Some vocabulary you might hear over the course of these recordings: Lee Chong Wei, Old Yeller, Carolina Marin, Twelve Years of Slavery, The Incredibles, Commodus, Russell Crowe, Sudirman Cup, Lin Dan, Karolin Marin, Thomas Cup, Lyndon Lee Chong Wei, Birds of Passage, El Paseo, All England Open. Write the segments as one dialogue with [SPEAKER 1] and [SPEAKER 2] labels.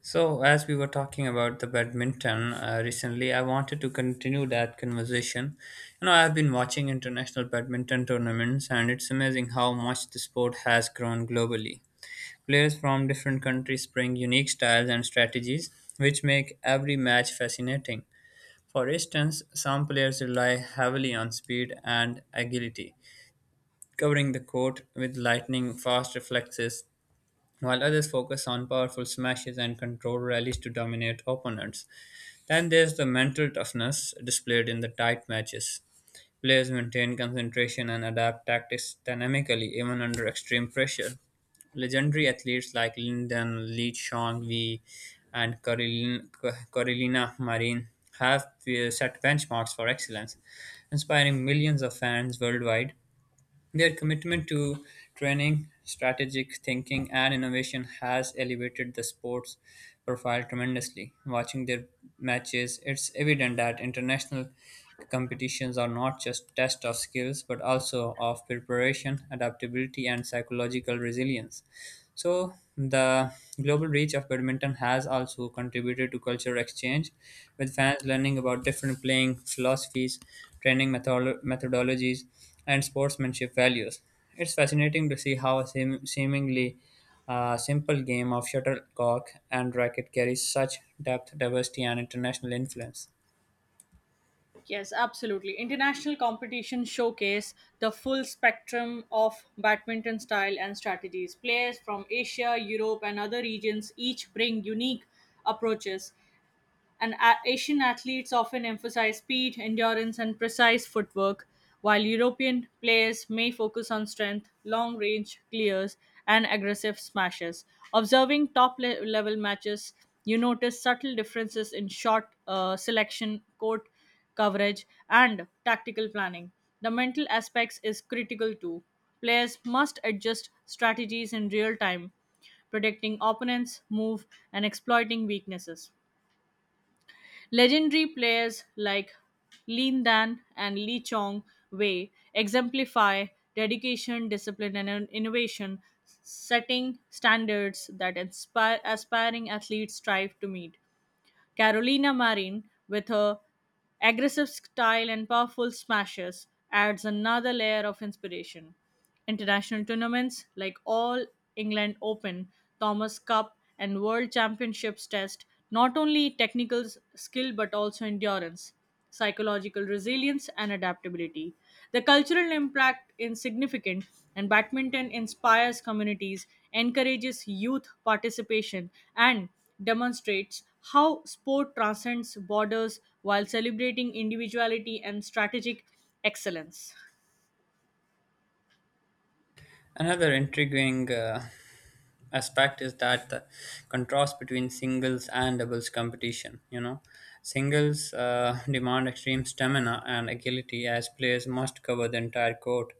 [SPEAKER 1] So, as we were talking about the badminton recently, I wanted to continue that conversation. You know, I've been watching international badminton tournaments, and it's amazing how much the sport has grown globally. Players from different countries bring unique styles and strategies, which make every match fascinating. For instance, some players rely heavily on speed and agility, covering the court with lightning fast reflexes while others focus on powerful smashes and control rallies to dominate opponents. Then there's the mental toughness displayed in the tight matches. Players maintain concentration and adapt tactics dynamically even under extreme pressure. Legendary athletes like Lyndon Lee Chong Wei and Karolina Marin have set benchmarks for excellence, inspiring millions of fans worldwide. Their commitment to training, strategic thinking, and innovation has elevated the sport's profile tremendously. Watching their matches, it's evident that international competitions are not just tests of skills but also of preparation, adaptability, and psychological resilience. So, the global reach of badminton has also contributed to cultural exchange, with fans learning about different playing philosophies, training methodologies, and sportsmanship values. It's fascinating to see how a seemingly simple game of shuttlecock and racket carries such depth, diversity, and international influence.
[SPEAKER 2] Yes, absolutely. International competition showcase the full spectrum of badminton style and strategies. Players from Asia, Europe, and other regions each bring unique approaches, and Asian athletes often emphasize speed, endurance, and precise footwork, while European players may focus on strength, long range clears, and aggressive smashes. Observing top level matches, you notice subtle differences in shot selection, court coverage, and tactical planning. The mental aspects is critical too. Players must adjust strategies in real time, predicting opponents' move and exploiting weaknesses. Legendary players like Lin Dan and Lee Chong Wei exemplify dedication, discipline, and innovation, setting standards that inspire aspiring athletes strive to meet. Carolina Marin, with her aggressive style and powerful smashes, adds another layer of inspiration. International tournaments like All England Open, Thomas Cup, and World Championships test not only technical skill but also endurance, psychological resilience, and adaptability. The cultural impact is significant, and badminton inspires communities, encourages youth participation, and demonstrates how sport transcends borders while celebrating individuality and strategic excellence.
[SPEAKER 1] Another intriguing aspect is that the contrast between singles and doubles competition. You know, singles demand extreme stamina and agility as players must cover the entire court,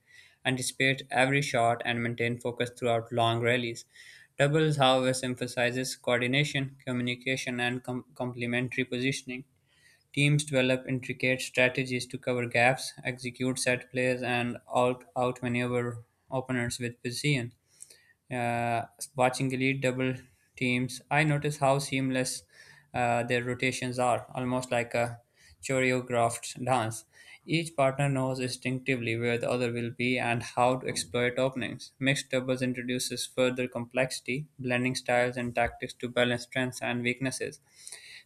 [SPEAKER 1] anticipate every shot, and maintain focus throughout long rallies. Doubles, however, emphasizes coordination, communication, and complementary positioning. Teams develop intricate strategies to cover gaps, execute set plays, and outmaneuver opponents with precision. Uh, Watching elite double teams, I notice how seamless their rotations are, almost like a choreographed dance. Each partner knows instinctively where the other will be and how to exploit openings. Mixed doubles introduces further complexity, blending styles and tactics to balance strengths and weaknesses.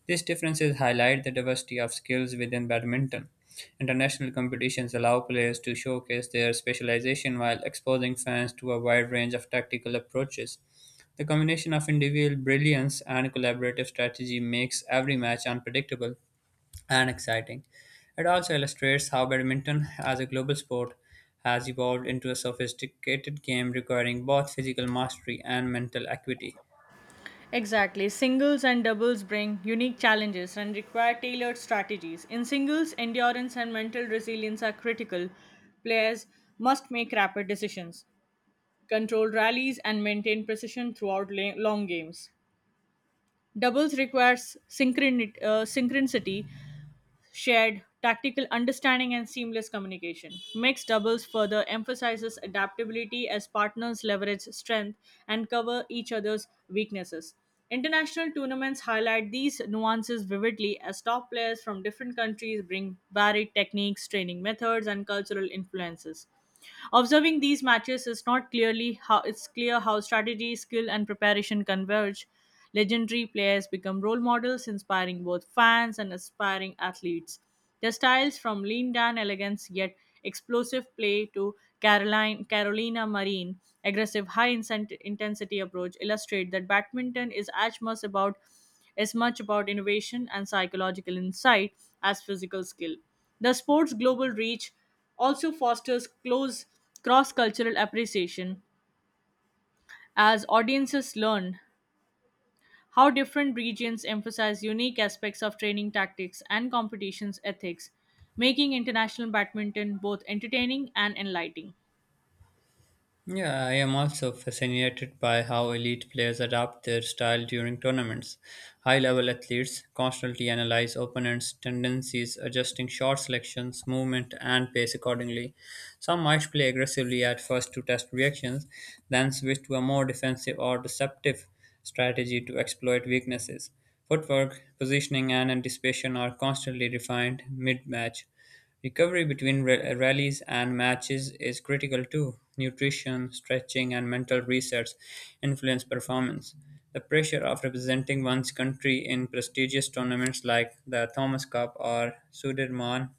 [SPEAKER 1] These differences highlight the diversity of skills within badminton. International competitions allow players to showcase their specialization while exposing fans to a wide range of tactical approaches. The combination of individual brilliance and collaborative strategy makes every match unpredictable and exciting. It also illustrates how badminton, as a global sport, has evolved into a sophisticated game requiring both physical mastery and mental acuity.
[SPEAKER 2] Exactly. Singles and doubles bring unique challenges and require tailored strategies. In singles, endurance and mental resilience are critical. Players must make rapid decisions, control rallies, and maintain precision throughout long games. Doubles requires synchronicity, shared tactical understanding, and seamless communication. Mixed doubles further emphasizes adaptability as partners leverage strength and cover each other's weaknesses. International tournaments highlight these nuances vividly as top players from different countries bring varied techniques, training methods, and cultural influences. Observing these matches is not clearly how it's clear how strategy, skill, and preparation converge. Legendary players become role models, inspiring both fans and aspiring athletes. Their styles, from lean down elegance yet explosive play to Carolina Marine, aggressive intensity approach, illustrate that badminton is as much about innovation and psychological insight as physical skill. The sport's global reach also fosters close cross cultural appreciation as audiences learn how different regions emphasize unique aspects of training tactics and competitions ethics, making international badminton both entertaining and enlightening.
[SPEAKER 1] Yeah, I am also fascinated by how elite players adapt their style during tournaments. High level athletes constantly analyze opponents' tendencies, adjusting shot selections, movement, and pace accordingly. Some might play aggressively at first to test reactions, then switch to a more defensive or deceptive strategy to exploit weaknesses. Footwork, positioning, and anticipation are constantly refined mid match. Recovery between rallies and matches is critical too. Nutrition, stretching, and mental resets influence performance. The pressure of representing one's country in prestigious tournaments like the Thomas Cup or Sudirman,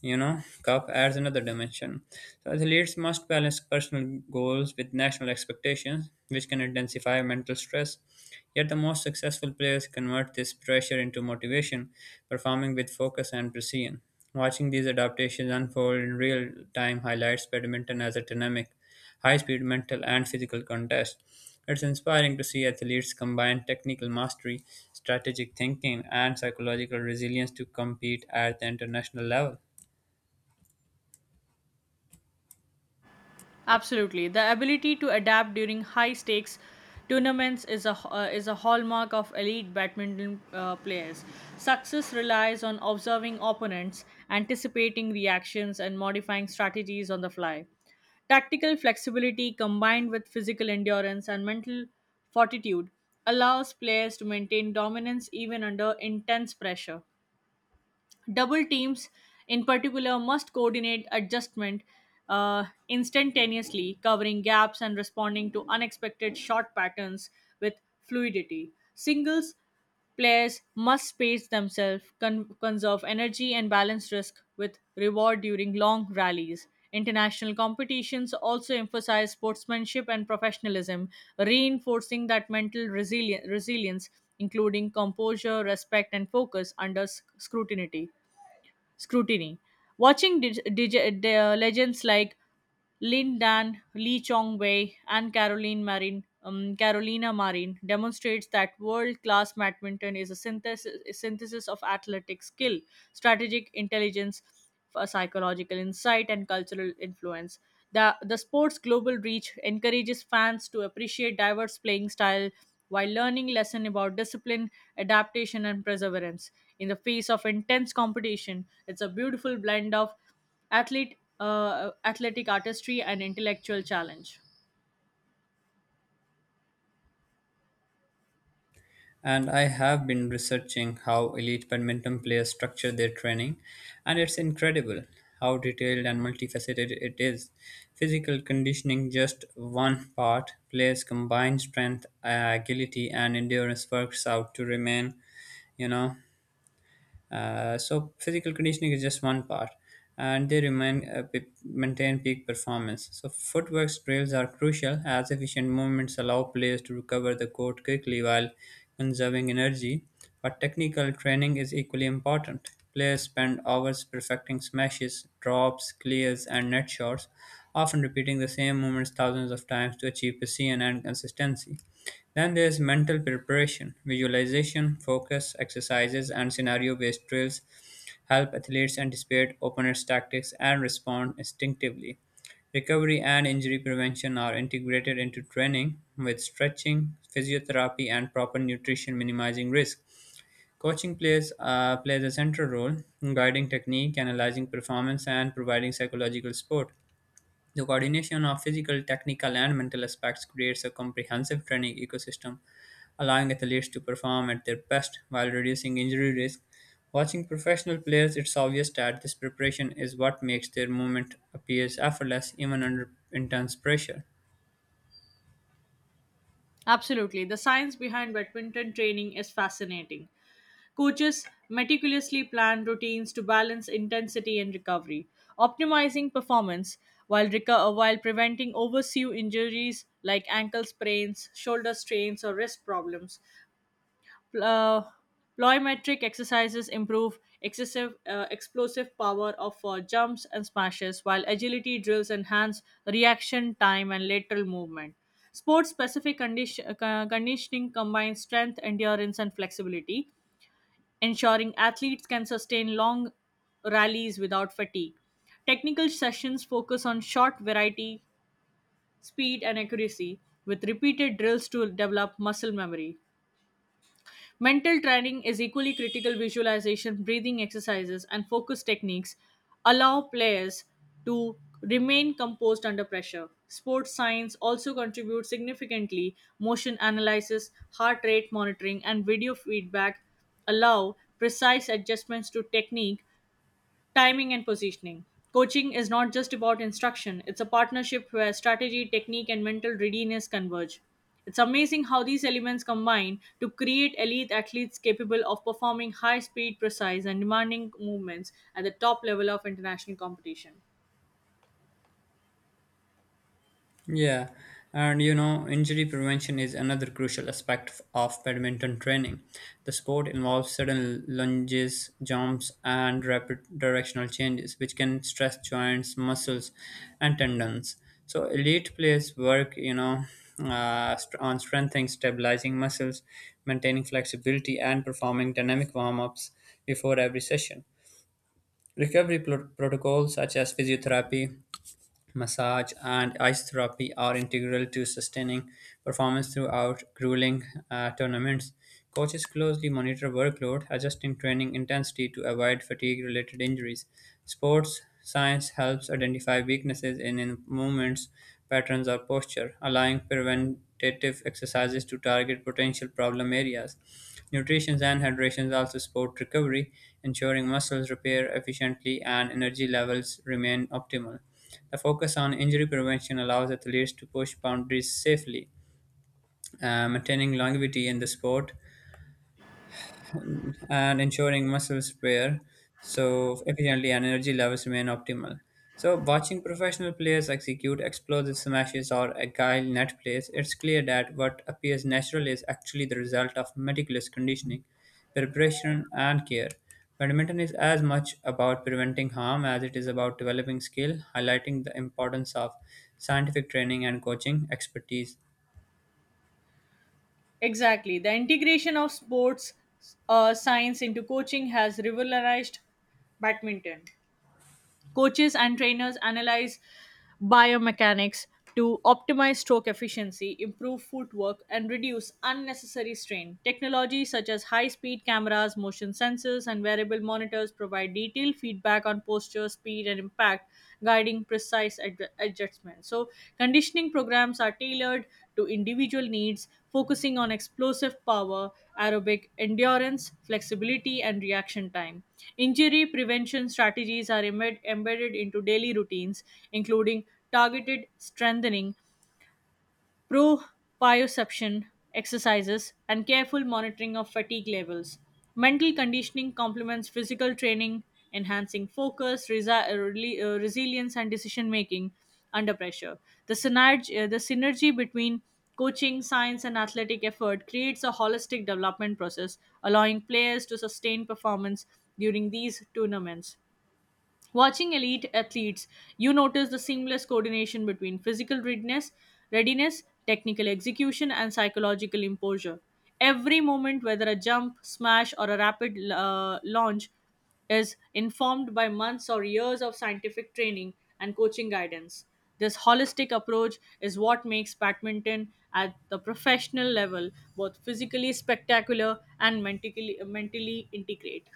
[SPEAKER 1] cup adds another dimension. So athletes must balance personal goals with national expectations, which can intensify mental stress. Yet the most successful players convert this pressure into motivation, performing with focus and precision. Watching these adaptations unfold in real time highlights badminton as a dynamic, high speed mental and physical contest. It's inspiring to see athletes combine technical mastery, strategic thinking, and psychological resilience to compete at the international level.
[SPEAKER 2] Absolutely. The ability to adapt during high stakes tournaments is a hallmark of elite badminton players. Success relies on observing opponents, anticipating reactions, and modifying strategies on the fly. Tactical flexibility combined with physical endurance and mental fortitude allows players to maintain dominance even under intense pressure. Double teams, in particular, must coordinate adjustment instantaneously, covering gaps and responding to unexpected shot patterns with fluidity. Singles players must space themselves, conserve energy, and balance risk with reward during long rallies. International competitions also emphasize sportsmanship and professionalism, reinforcing that mental resilience, including composure, respect, and focus under scrutiny. Watching the legends like Lin Dan, Lee Chong Wei, and Carolina Marin demonstrates that world-class badminton is a synthesis of athletic skill, strategic intelligence, for psychological insight, and cultural influence. The sport's global reach encourages fans to appreciate diverse playing style while learning lesson about discipline, adaptation, and perseverance. In the face of intense competition, it's a beautiful blend of athlete athletic artistry and intellectual challenge.
[SPEAKER 1] And I have been researching how elite badminton players structure their training, and it's incredible how detailed and multifaceted it is. Physical conditioning, just one part, players combine strength, agility, and endurance works out to remain, you know, so physical conditioning is just one part, and they remain maintain peak performance. So footwork drills are crucial as efficient movements allow players to recover the court quickly while conserving energy. But technical training is equally important. Players spend hours perfecting smashes, drops, clears, and net shots, often repeating the same movements thousands of times to achieve precision and consistency. Then there is mental preparation. Visualization, focus exercises, and scenario based drills help athletes anticipate opponents' tactics and respond instinctively. Recovery and injury prevention are integrated into training with stretching, physiotherapy, and proper nutrition, minimizing risk. Coaching plays a central role in guiding technique, analyzing performance, and providing psychological support. The coordination of physical, technical, and mental aspects creates a comprehensive training ecosystem, allowing athletes to perform at their best while reducing injury risk. Watching professional players, it's obvious that this preparation is what makes their movement appears effortless even under intense pressure.
[SPEAKER 2] Absolutely. The science behind badminton training is fascinating. Coaches meticulously plan routines to balance intensity and recovery, optimizing performance while, while preventing oversew injuries like ankle sprains, shoulder strains, or wrist problems. Pl- uh, Plyometric exercises improve excessive explosive power of jumps and smashes, while agility drills enhance reaction time and lateral movement. Sport specific conditioning combines strength, endurance, and flexibility, ensuring athletes can sustain long rallies without fatigue. Technical sessions focus on shot variety, speed, and accuracy, with repeated drills to develop muscle memory. Mental training is equally critical. Visualization, breathing exercises, and focus techniques allow players to remain composed under pressure. Sports science also contributes significantly. Motion analysis, heart rate monitoring, and video feedback allow precise adjustments to technique, timing, and positioning. Coaching is not just about instruction, it's a partnership where strategy, technique, and mental readiness converge. It's amazing how these elements combine to create elite athletes capable of performing high speed, precise, and demanding movements at the top level of international competition.
[SPEAKER 1] Yeah, and you know, injury prevention is another crucial aspect of badminton training. The sport involves sudden lunges, jumps, and rapid directional changes, which can stress joints, muscles, and tendons. So, elite players work, on strengthening, stabilizing muscles, maintaining flexibility, and performing dynamic warm ups before every session. Recovery protocols such as physiotherapy, massage, and ice therapy are integral to sustaining performance throughout grueling tournaments. Coaches closely monitor workload, adjusting training intensity to avoid fatigue related injuries. Sports science helps identify weaknesses in movements, patterns, or posture, allowing preventative exercises to target potential problem areas. Nutrition and hydration also support recovery, ensuring muscles repair efficiently and energy levels remain optimal. The focus on injury prevention allows athletes to push boundaries safely, maintaining longevity in the sport and ensuring muscles spare so efficiently and energy levels remain optimal. So, watching professional players execute explosive smashes or agile net plays, it's clear that what appears natural is actually the result of meticulous conditioning, preparation, and care. Badminton is as much about preventing harm as it is about developing skill, highlighting the importance of scientific training and coaching expertise.
[SPEAKER 2] Exactly. The integration of sports science into coaching has revolutionized badminton. Coaches and trainers analyze biomechanics to optimize stroke efficiency, improve footwork, and reduce unnecessary strain. Technology such as high speed cameras, motion sensors, and wearable monitors provide detailed feedback on posture, speed, and impact, guiding precise adjustment. So, conditioning programs are tailored to individual needs, focusing on explosive power, aerobic endurance, flexibility, and reaction time. Injury prevention strategies are embedded into daily routines, including targeted strengthening, proprioception exercises, and careful monitoring of fatigue levels. Mental conditioning complements physical training, enhancing focus, resilience, and decision making under pressure. The synergy between coaching, science, and athletic effort creates a holistic development process, allowing players to sustain performance during these tournaments. Watching elite athletes, you notice the seamless coordination between readiness, technical execution, and psychological imposure. Every moment, whether a jump, smash, or a rapid launch, is informed by months or years of scientific training and coaching guidance. This holistic approach is what makes badminton at the professional level both physically spectacular and mentally integrate.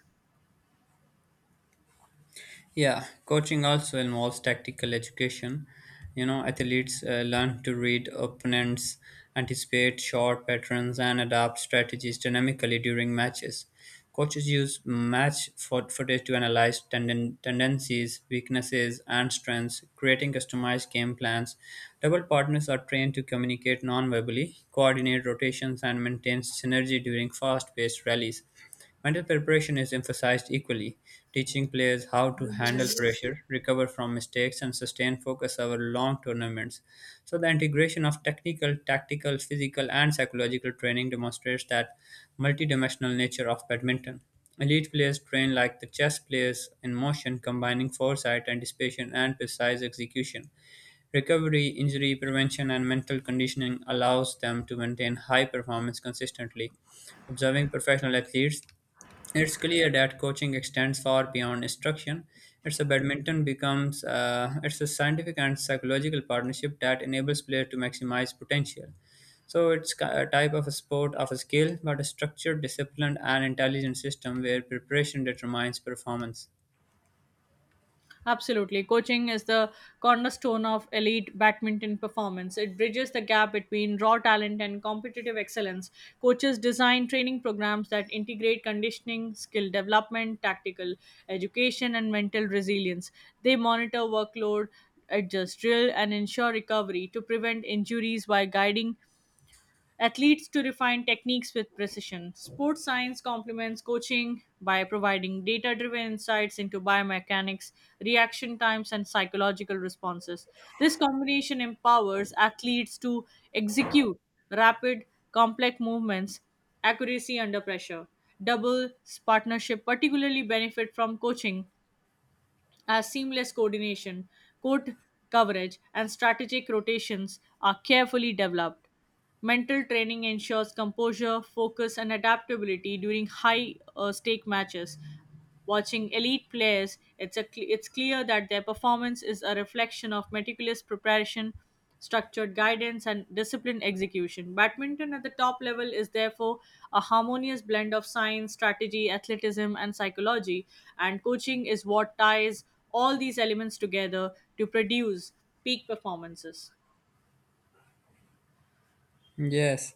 [SPEAKER 1] Yeah, coaching also involves tactical education. You know, athletes learn to read opponents, anticipate shot patterns, and adapt strategies dynamically during matches. Coaches use match footage to analyze tendencies, weaknesses, and strengths, creating customized game plans. Double partners are trained to communicate non verbally, coordinate rotations, and maintain synergy during fast paced rallies. Mental preparation is emphasized equally, teaching players how to handle pressure, recover from mistakes, and sustain focus over long tournaments. So, the integration of technical, tactical, physical, and psychological training demonstrates that multidimensional nature of badminton. Elite players train like the chess players in motion, combining foresight, anticipation, and precise execution. Recovery, injury prevention, and mental conditioning allows them to maintain high performance consistently. Observing professional athletes, it's clear that coaching extends far beyond instruction. It's a badminton becomes it's a scientific and psychological partnership that enables players to maximize potential. So it's a type of a sport of a skill, but a structured, disciplined, and intelligent system where preparation determines performance.
[SPEAKER 2] Absolutely. Coaching is the cornerstone of elite badminton performance. It bridges the gap between raw talent and competitive excellence. Coaches design training programs that integrate conditioning, skill development, tactical education, and mental resilience. They monitor workload, adjust drill, and ensure recovery to prevent injuries by guiding athletes to refine techniques with precision. Sports science complements coaching by providing data driven insights into biomechanics, reaction times, and psychological responses. This combination empowers athletes to execute rapid, complex movements accuracy under pressure. Doubles partnership particularly benefit from coaching as seamless coordination, court coverage, and strategic rotations are carefully developed. Mental training ensures composure, focus, and adaptability during high stake matches. Watching elite players, it's clear that their performance is a reflection of meticulous preparation, structured guidance, and disciplined execution. Badminton at the top level is therefore a harmonious blend of science, strategy, athleticism, and psychology, and coaching is what ties all these elements together to produce peak performances.
[SPEAKER 1] Yes.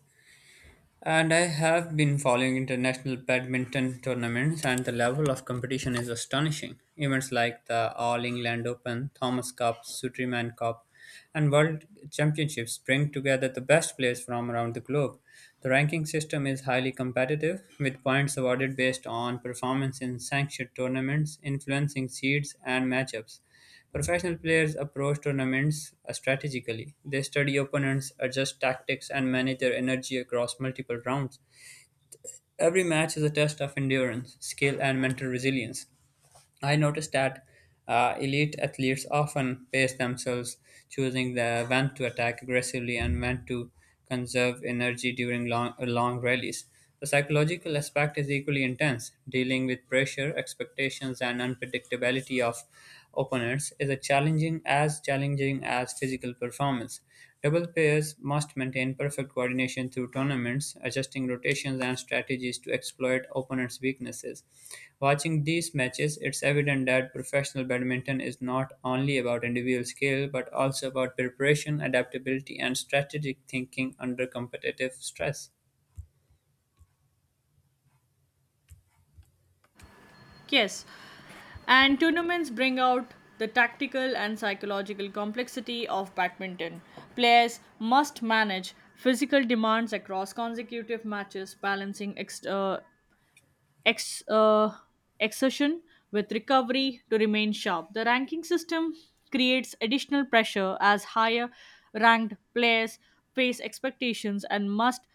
[SPEAKER 1] And I have been following international badminton tournaments, and the level of competition is astonishing. Events like the All England Open, Thomas Cup, Sudirman Cup, and World Championships bring together the best players from around the globe. The ranking system is highly competitive, with points awarded based on performance in sanctioned tournaments, influencing seeds and matchups. Professional players approach tournaments strategically. They study opponents, adjust tactics, and manage their energy across multiple rounds. Every match is a test of endurance, skill, and mental resilience. I noticed that elite athletes often pace themselves, choosing the when to attack aggressively and when to conserve energy during long, long rallies. The psychological aspect is equally intense, dealing with pressure, expectations, and unpredictability of opponents is a challenging as physical performance. Double pairs must maintain perfect coordination through tournaments, adjusting rotations and strategies to exploit opponents' weaknesses. Watching these matches, it's evident that professional badminton is not only about individual skill but also about preparation, adaptability, and strategic thinking under competitive stress.
[SPEAKER 2] Yes, and tournaments bring out the tactical and psychological complexity of badminton. Players must manage physical demands across consecutive matches, balancing ex- uh, exertion with recovery to remain sharp. The ranking system creates additional pressure as higher ranked players face expectations and must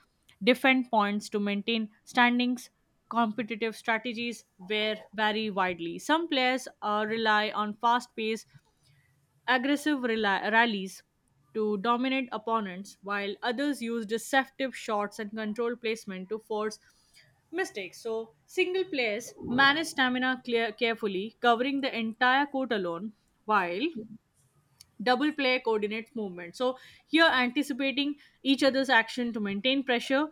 [SPEAKER 2] defend points to maintain standings. Competitive strategies were vary widely. Some players rely on fast paced, aggressive rallies to dominate opponents, while others use deceptive shots and control placement to force mistakes. So, single players manage stamina carefully, covering the entire court alone, while double player coordinates movement. So, here anticipating each other's action to maintain pressure.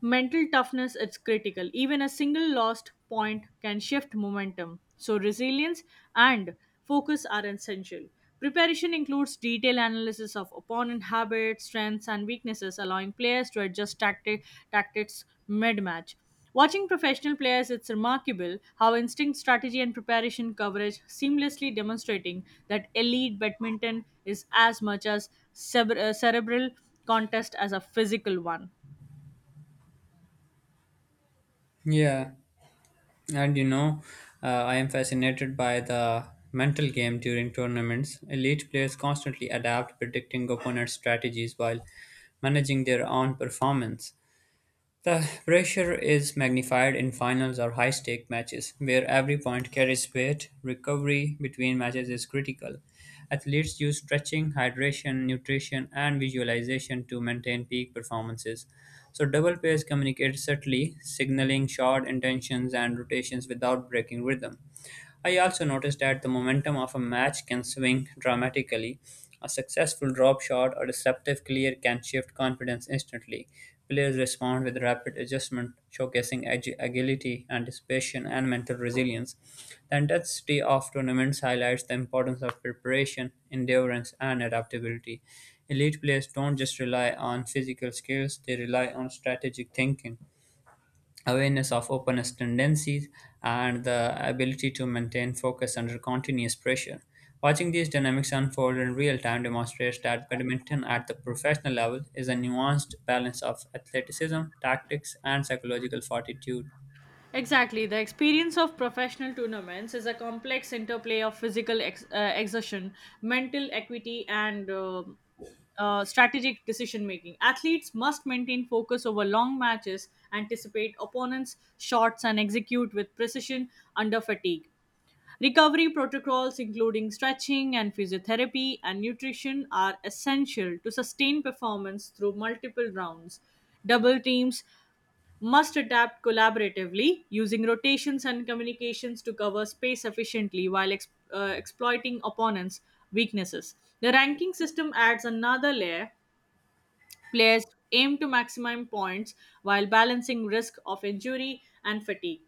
[SPEAKER 2] Mental toughness is critical. Even a single lost point can shift momentum. So, resilience and focus are essential. Preparation includes detailed analysis of opponent habits, strengths, and weaknesses, allowing players to adjust tactics mid match. Watching professional players, it's remarkable how instinct, strategy, and preparation coverage seamlessly demonstrating that elite badminton is as much as cerebral contest as a physical one.
[SPEAKER 1] Yeah. And I am fascinated by the mental game during tournaments. Elite players constantly adapt, predicting opponents' strategies while managing their own performance. The pressure is magnified in finals or high stake matches, where every point carries weight. Recovery between matches is critical. Athletes use stretching, hydration, nutrition, and visualization to maintain peak performances. So, double pairs communicate subtly, signaling short intentions and rotations without breaking rhythm. I also noticed that the momentum of a match can swing dramatically. A successful drop shot or deceptive clear can shift confidence instantly. Players respond with rapid adjustment, showcasing agility, anticipation, and mental resilience. The intensity of tournaments highlights the importance of preparation, endurance, and adaptability. Elite players don't just rely on physical skills, they rely on strategic thinking awareness of openness tendencies, and the ability to maintain focus under continuous pressure. Watching these dynamics unfold in real time demonstrates that badminton at the professional level is a nuanced balance of athleticism, tactics, and psychological fortitude.
[SPEAKER 2] Exactly. The experience of professional tournaments is a complex interplay of physical exertion, mental equity, and strategic decision making. Athletes must maintain focus over long matches, anticipate opponents' shots, and execute with precision under fatigue. Recovery protocols, including stretching and physiotherapy and nutrition, are essential to sustain performance through multiple rounds. Double teams must adapt collaboratively, using rotations and communications to cover space efficiently while exploiting opponents' weaknesses. The ranking system adds another layer. Players aim to maximize points while balancing risk of injury and fatigue.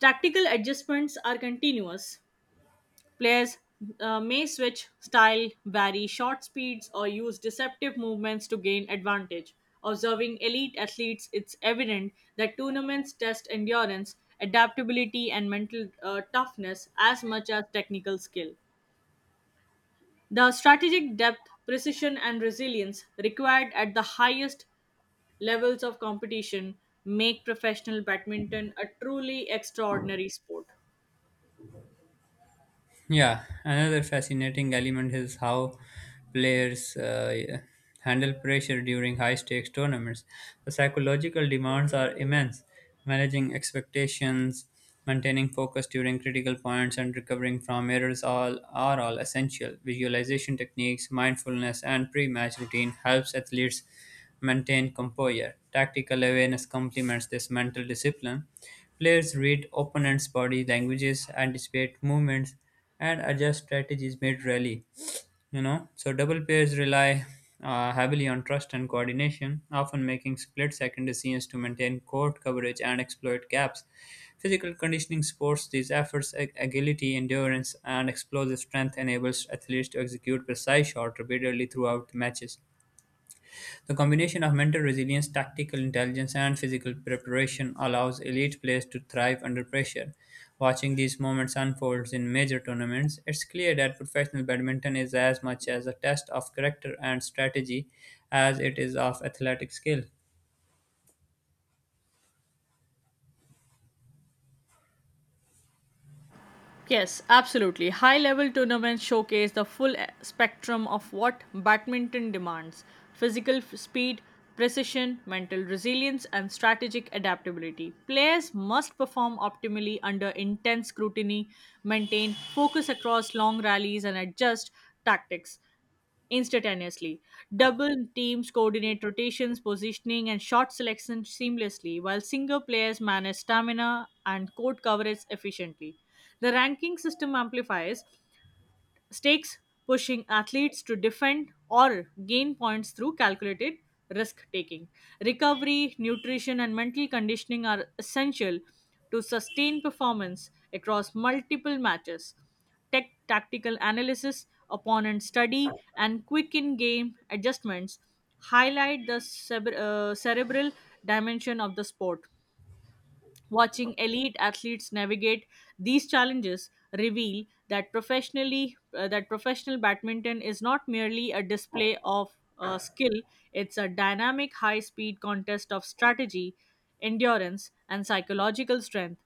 [SPEAKER 2] Tactical adjustments are continuous. Players may switch style, vary shot speeds, or use deceptive movements to gain advantage. Observing elite athletes, it's evident that tournaments test endurance, adaptability, and mental toughness as much as technical skill. The strategic depth, precision, and resilience required at the highest levels of competition make professional badminton a truly extraordinary sport.
[SPEAKER 1] Yeah, another fascinating element is how players handle pressure during high stakes tournaments. The psychological demands are immense. Managing expectations, maintaining focus during critical points, and recovering from errors all essential. Visualization techniques, mindfulness, and pre-match routine helps athletes maintain composure. Tactical awareness complements this mental discipline. Players read opponents' body languages, anticipate movements, and adjust strategies mid rally. You know, so double pairs rely heavily on trust and coordination, often making split-second decisions to maintain court coverage and exploit gaps. Physical conditioning supports these efforts. Agility, endurance, and explosive strength enables athletes to execute precise shots repeatedly throughout matches. The combination of mental resilience, tactical intelligence, and physical preparation allows elite players to thrive under pressure. Watching these moments unfold in major tournaments, it's clear that professional badminton is as much as a test of character and strategy as it is of athletic skill.
[SPEAKER 2] Yes, absolutely. High level tournaments showcase the full spectrum of what badminton demands: physical speed, precision, mental resilience, and strategic adaptability. Players must perform optimally under intense scrutiny, maintain focus across long rallies, and adjust tactics instantaneously. Double teams coordinate rotations, positioning, and shot selection seamlessly, while single players manage stamina and court coverage efficiently. The ranking system amplifies stakes, pushing athletes to defend or gain points through calculated risk taking. Recovery, nutrition, and mental conditioning are essential to sustain performance across multiple matches. Tech tactical analysis, opponent study, and quick in game adjustments highlight the cerebral dimension of the sport. Watching elite athletes navigate these challenges reveal that professionally that professional badminton is not merely a display of skill; it's a dynamic, high-speed contest of strategy, endurance, and psychological strength.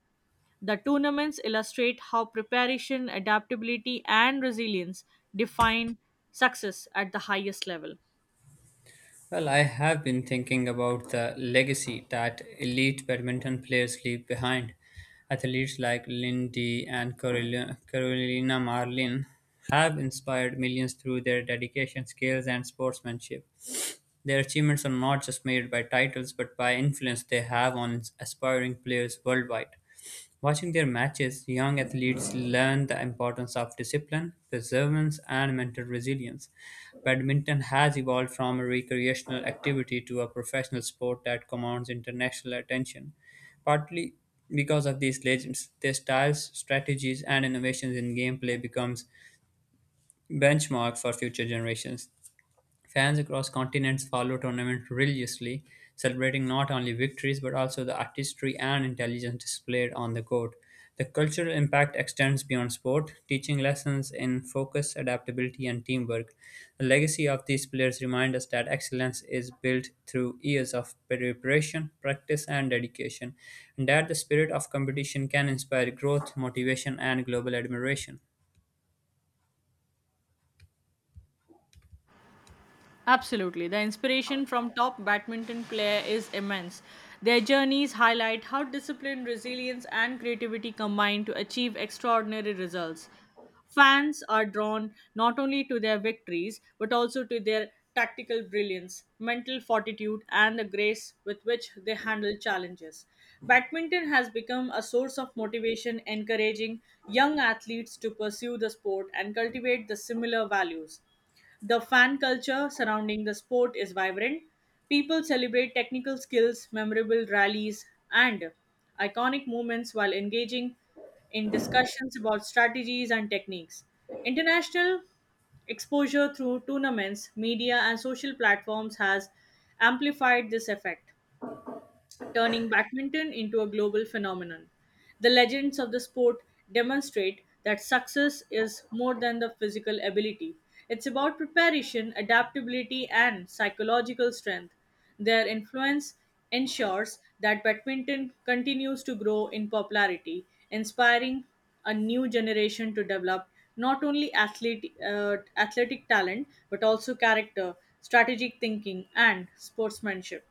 [SPEAKER 2] The tournaments illustrate how preparation, adaptability, and resilience define success at the highest level.
[SPEAKER 1] Well, I have been thinking about the legacy that elite badminton players leave behind. Athletes like Lindy and Carolina Marlin have inspired millions through their dedication, skills, and sportsmanship. Their achievements are not just measured by titles but by influence they have on aspiring players worldwide. Watching their matches, young athletes learn the importance of discipline, perseverance, and mental resilience. Badminton has evolved from a recreational activity to a professional sport that commands international attention, partly because of these legends. Their styles, strategies, and innovations in gameplay becomes benchmark for future generations. Fans across continents follow tournaments religiously, celebrating not only victories but also the artistry and intelligence displayed on the court. The cultural impact extends beyond sport, teaching lessons in focus, adaptability, and teamwork. The legacy of these players reminds us that excellence is built through years of preparation, practice, and dedication, and that the spirit of competition can inspire growth, motivation, and global admiration.
[SPEAKER 2] Absolutely. The inspiration from top badminton player is immense. Their journeys highlight how discipline, resilience, and creativity combine to achieve extraordinary results. Fans are drawn not only to their victories but also to their tactical brilliance, mental fortitude, and the grace with which they handle challenges. Badminton has become a source of motivation, encouraging young athletes to pursue the sport and cultivate the similar values. The fan culture surrounding the sport is vibrant. People celebrate technical skills, memorable rallies, and iconic moments while engaging in discussions about strategies and techniques. International exposure through tournaments, media, and social platforms has amplified this effect, turning badminton into a global phenomenon. The legends of the sport demonstrate that success is more than the physical ability. It's about preparation, adaptability, and psychological strength. Their influence ensures that badminton continues to grow in popularity, inspiring a new generation to develop not only athletic talent but also character, strategic thinking, and sportsmanship.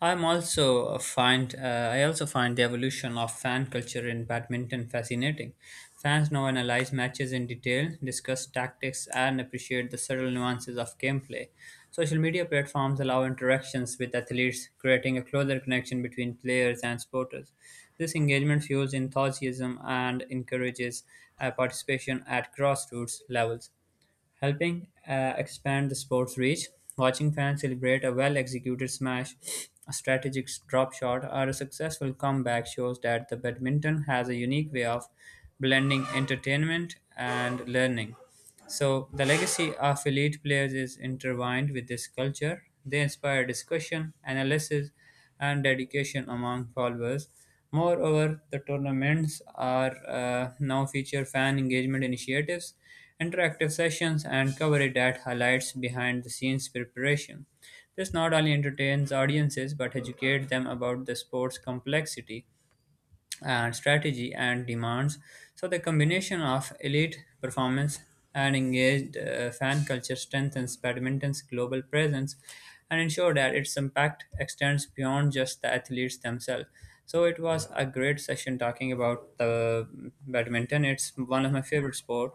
[SPEAKER 1] I also find the evolution of fan culture in badminton fascinating. Fans now analyze matches in detail, discuss tactics, and appreciate the subtle nuances of gameplay. Social media platforms allow interactions with athletes, creating a closer connection between players and supporters. This engagement fuels enthusiasm and encourages participation at grassroots levels, helping expand the sport's reach. Watching fans celebrate a well executed smash, a strategic drop shot, or a successful comeback shows that the badminton has a unique way of blending entertainment and learning. So, the legacy of elite players is intertwined with this culture. They inspire discussion, analysis, and dedication among followers. Moreover, the tournaments are now feature fan engagement initiatives, interactive sessions, and coverage that highlights behind-the-scenes preparation. This not only entertains audiences but educates them about the sport's complexity and strategy and demands. So the combination of elite performance and engaged fan culture strengthens badminton's global presence and ensure that its impact extends beyond just the athletes themselves. So it was a great session talking about the badminton. It's one of my favorite sport,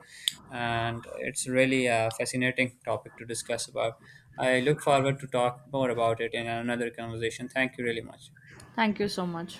[SPEAKER 1] and it's really a fascinating topic to discuss about. I look forward to talk more about it in another conversation. Thank you really much.
[SPEAKER 2] Thank you so much.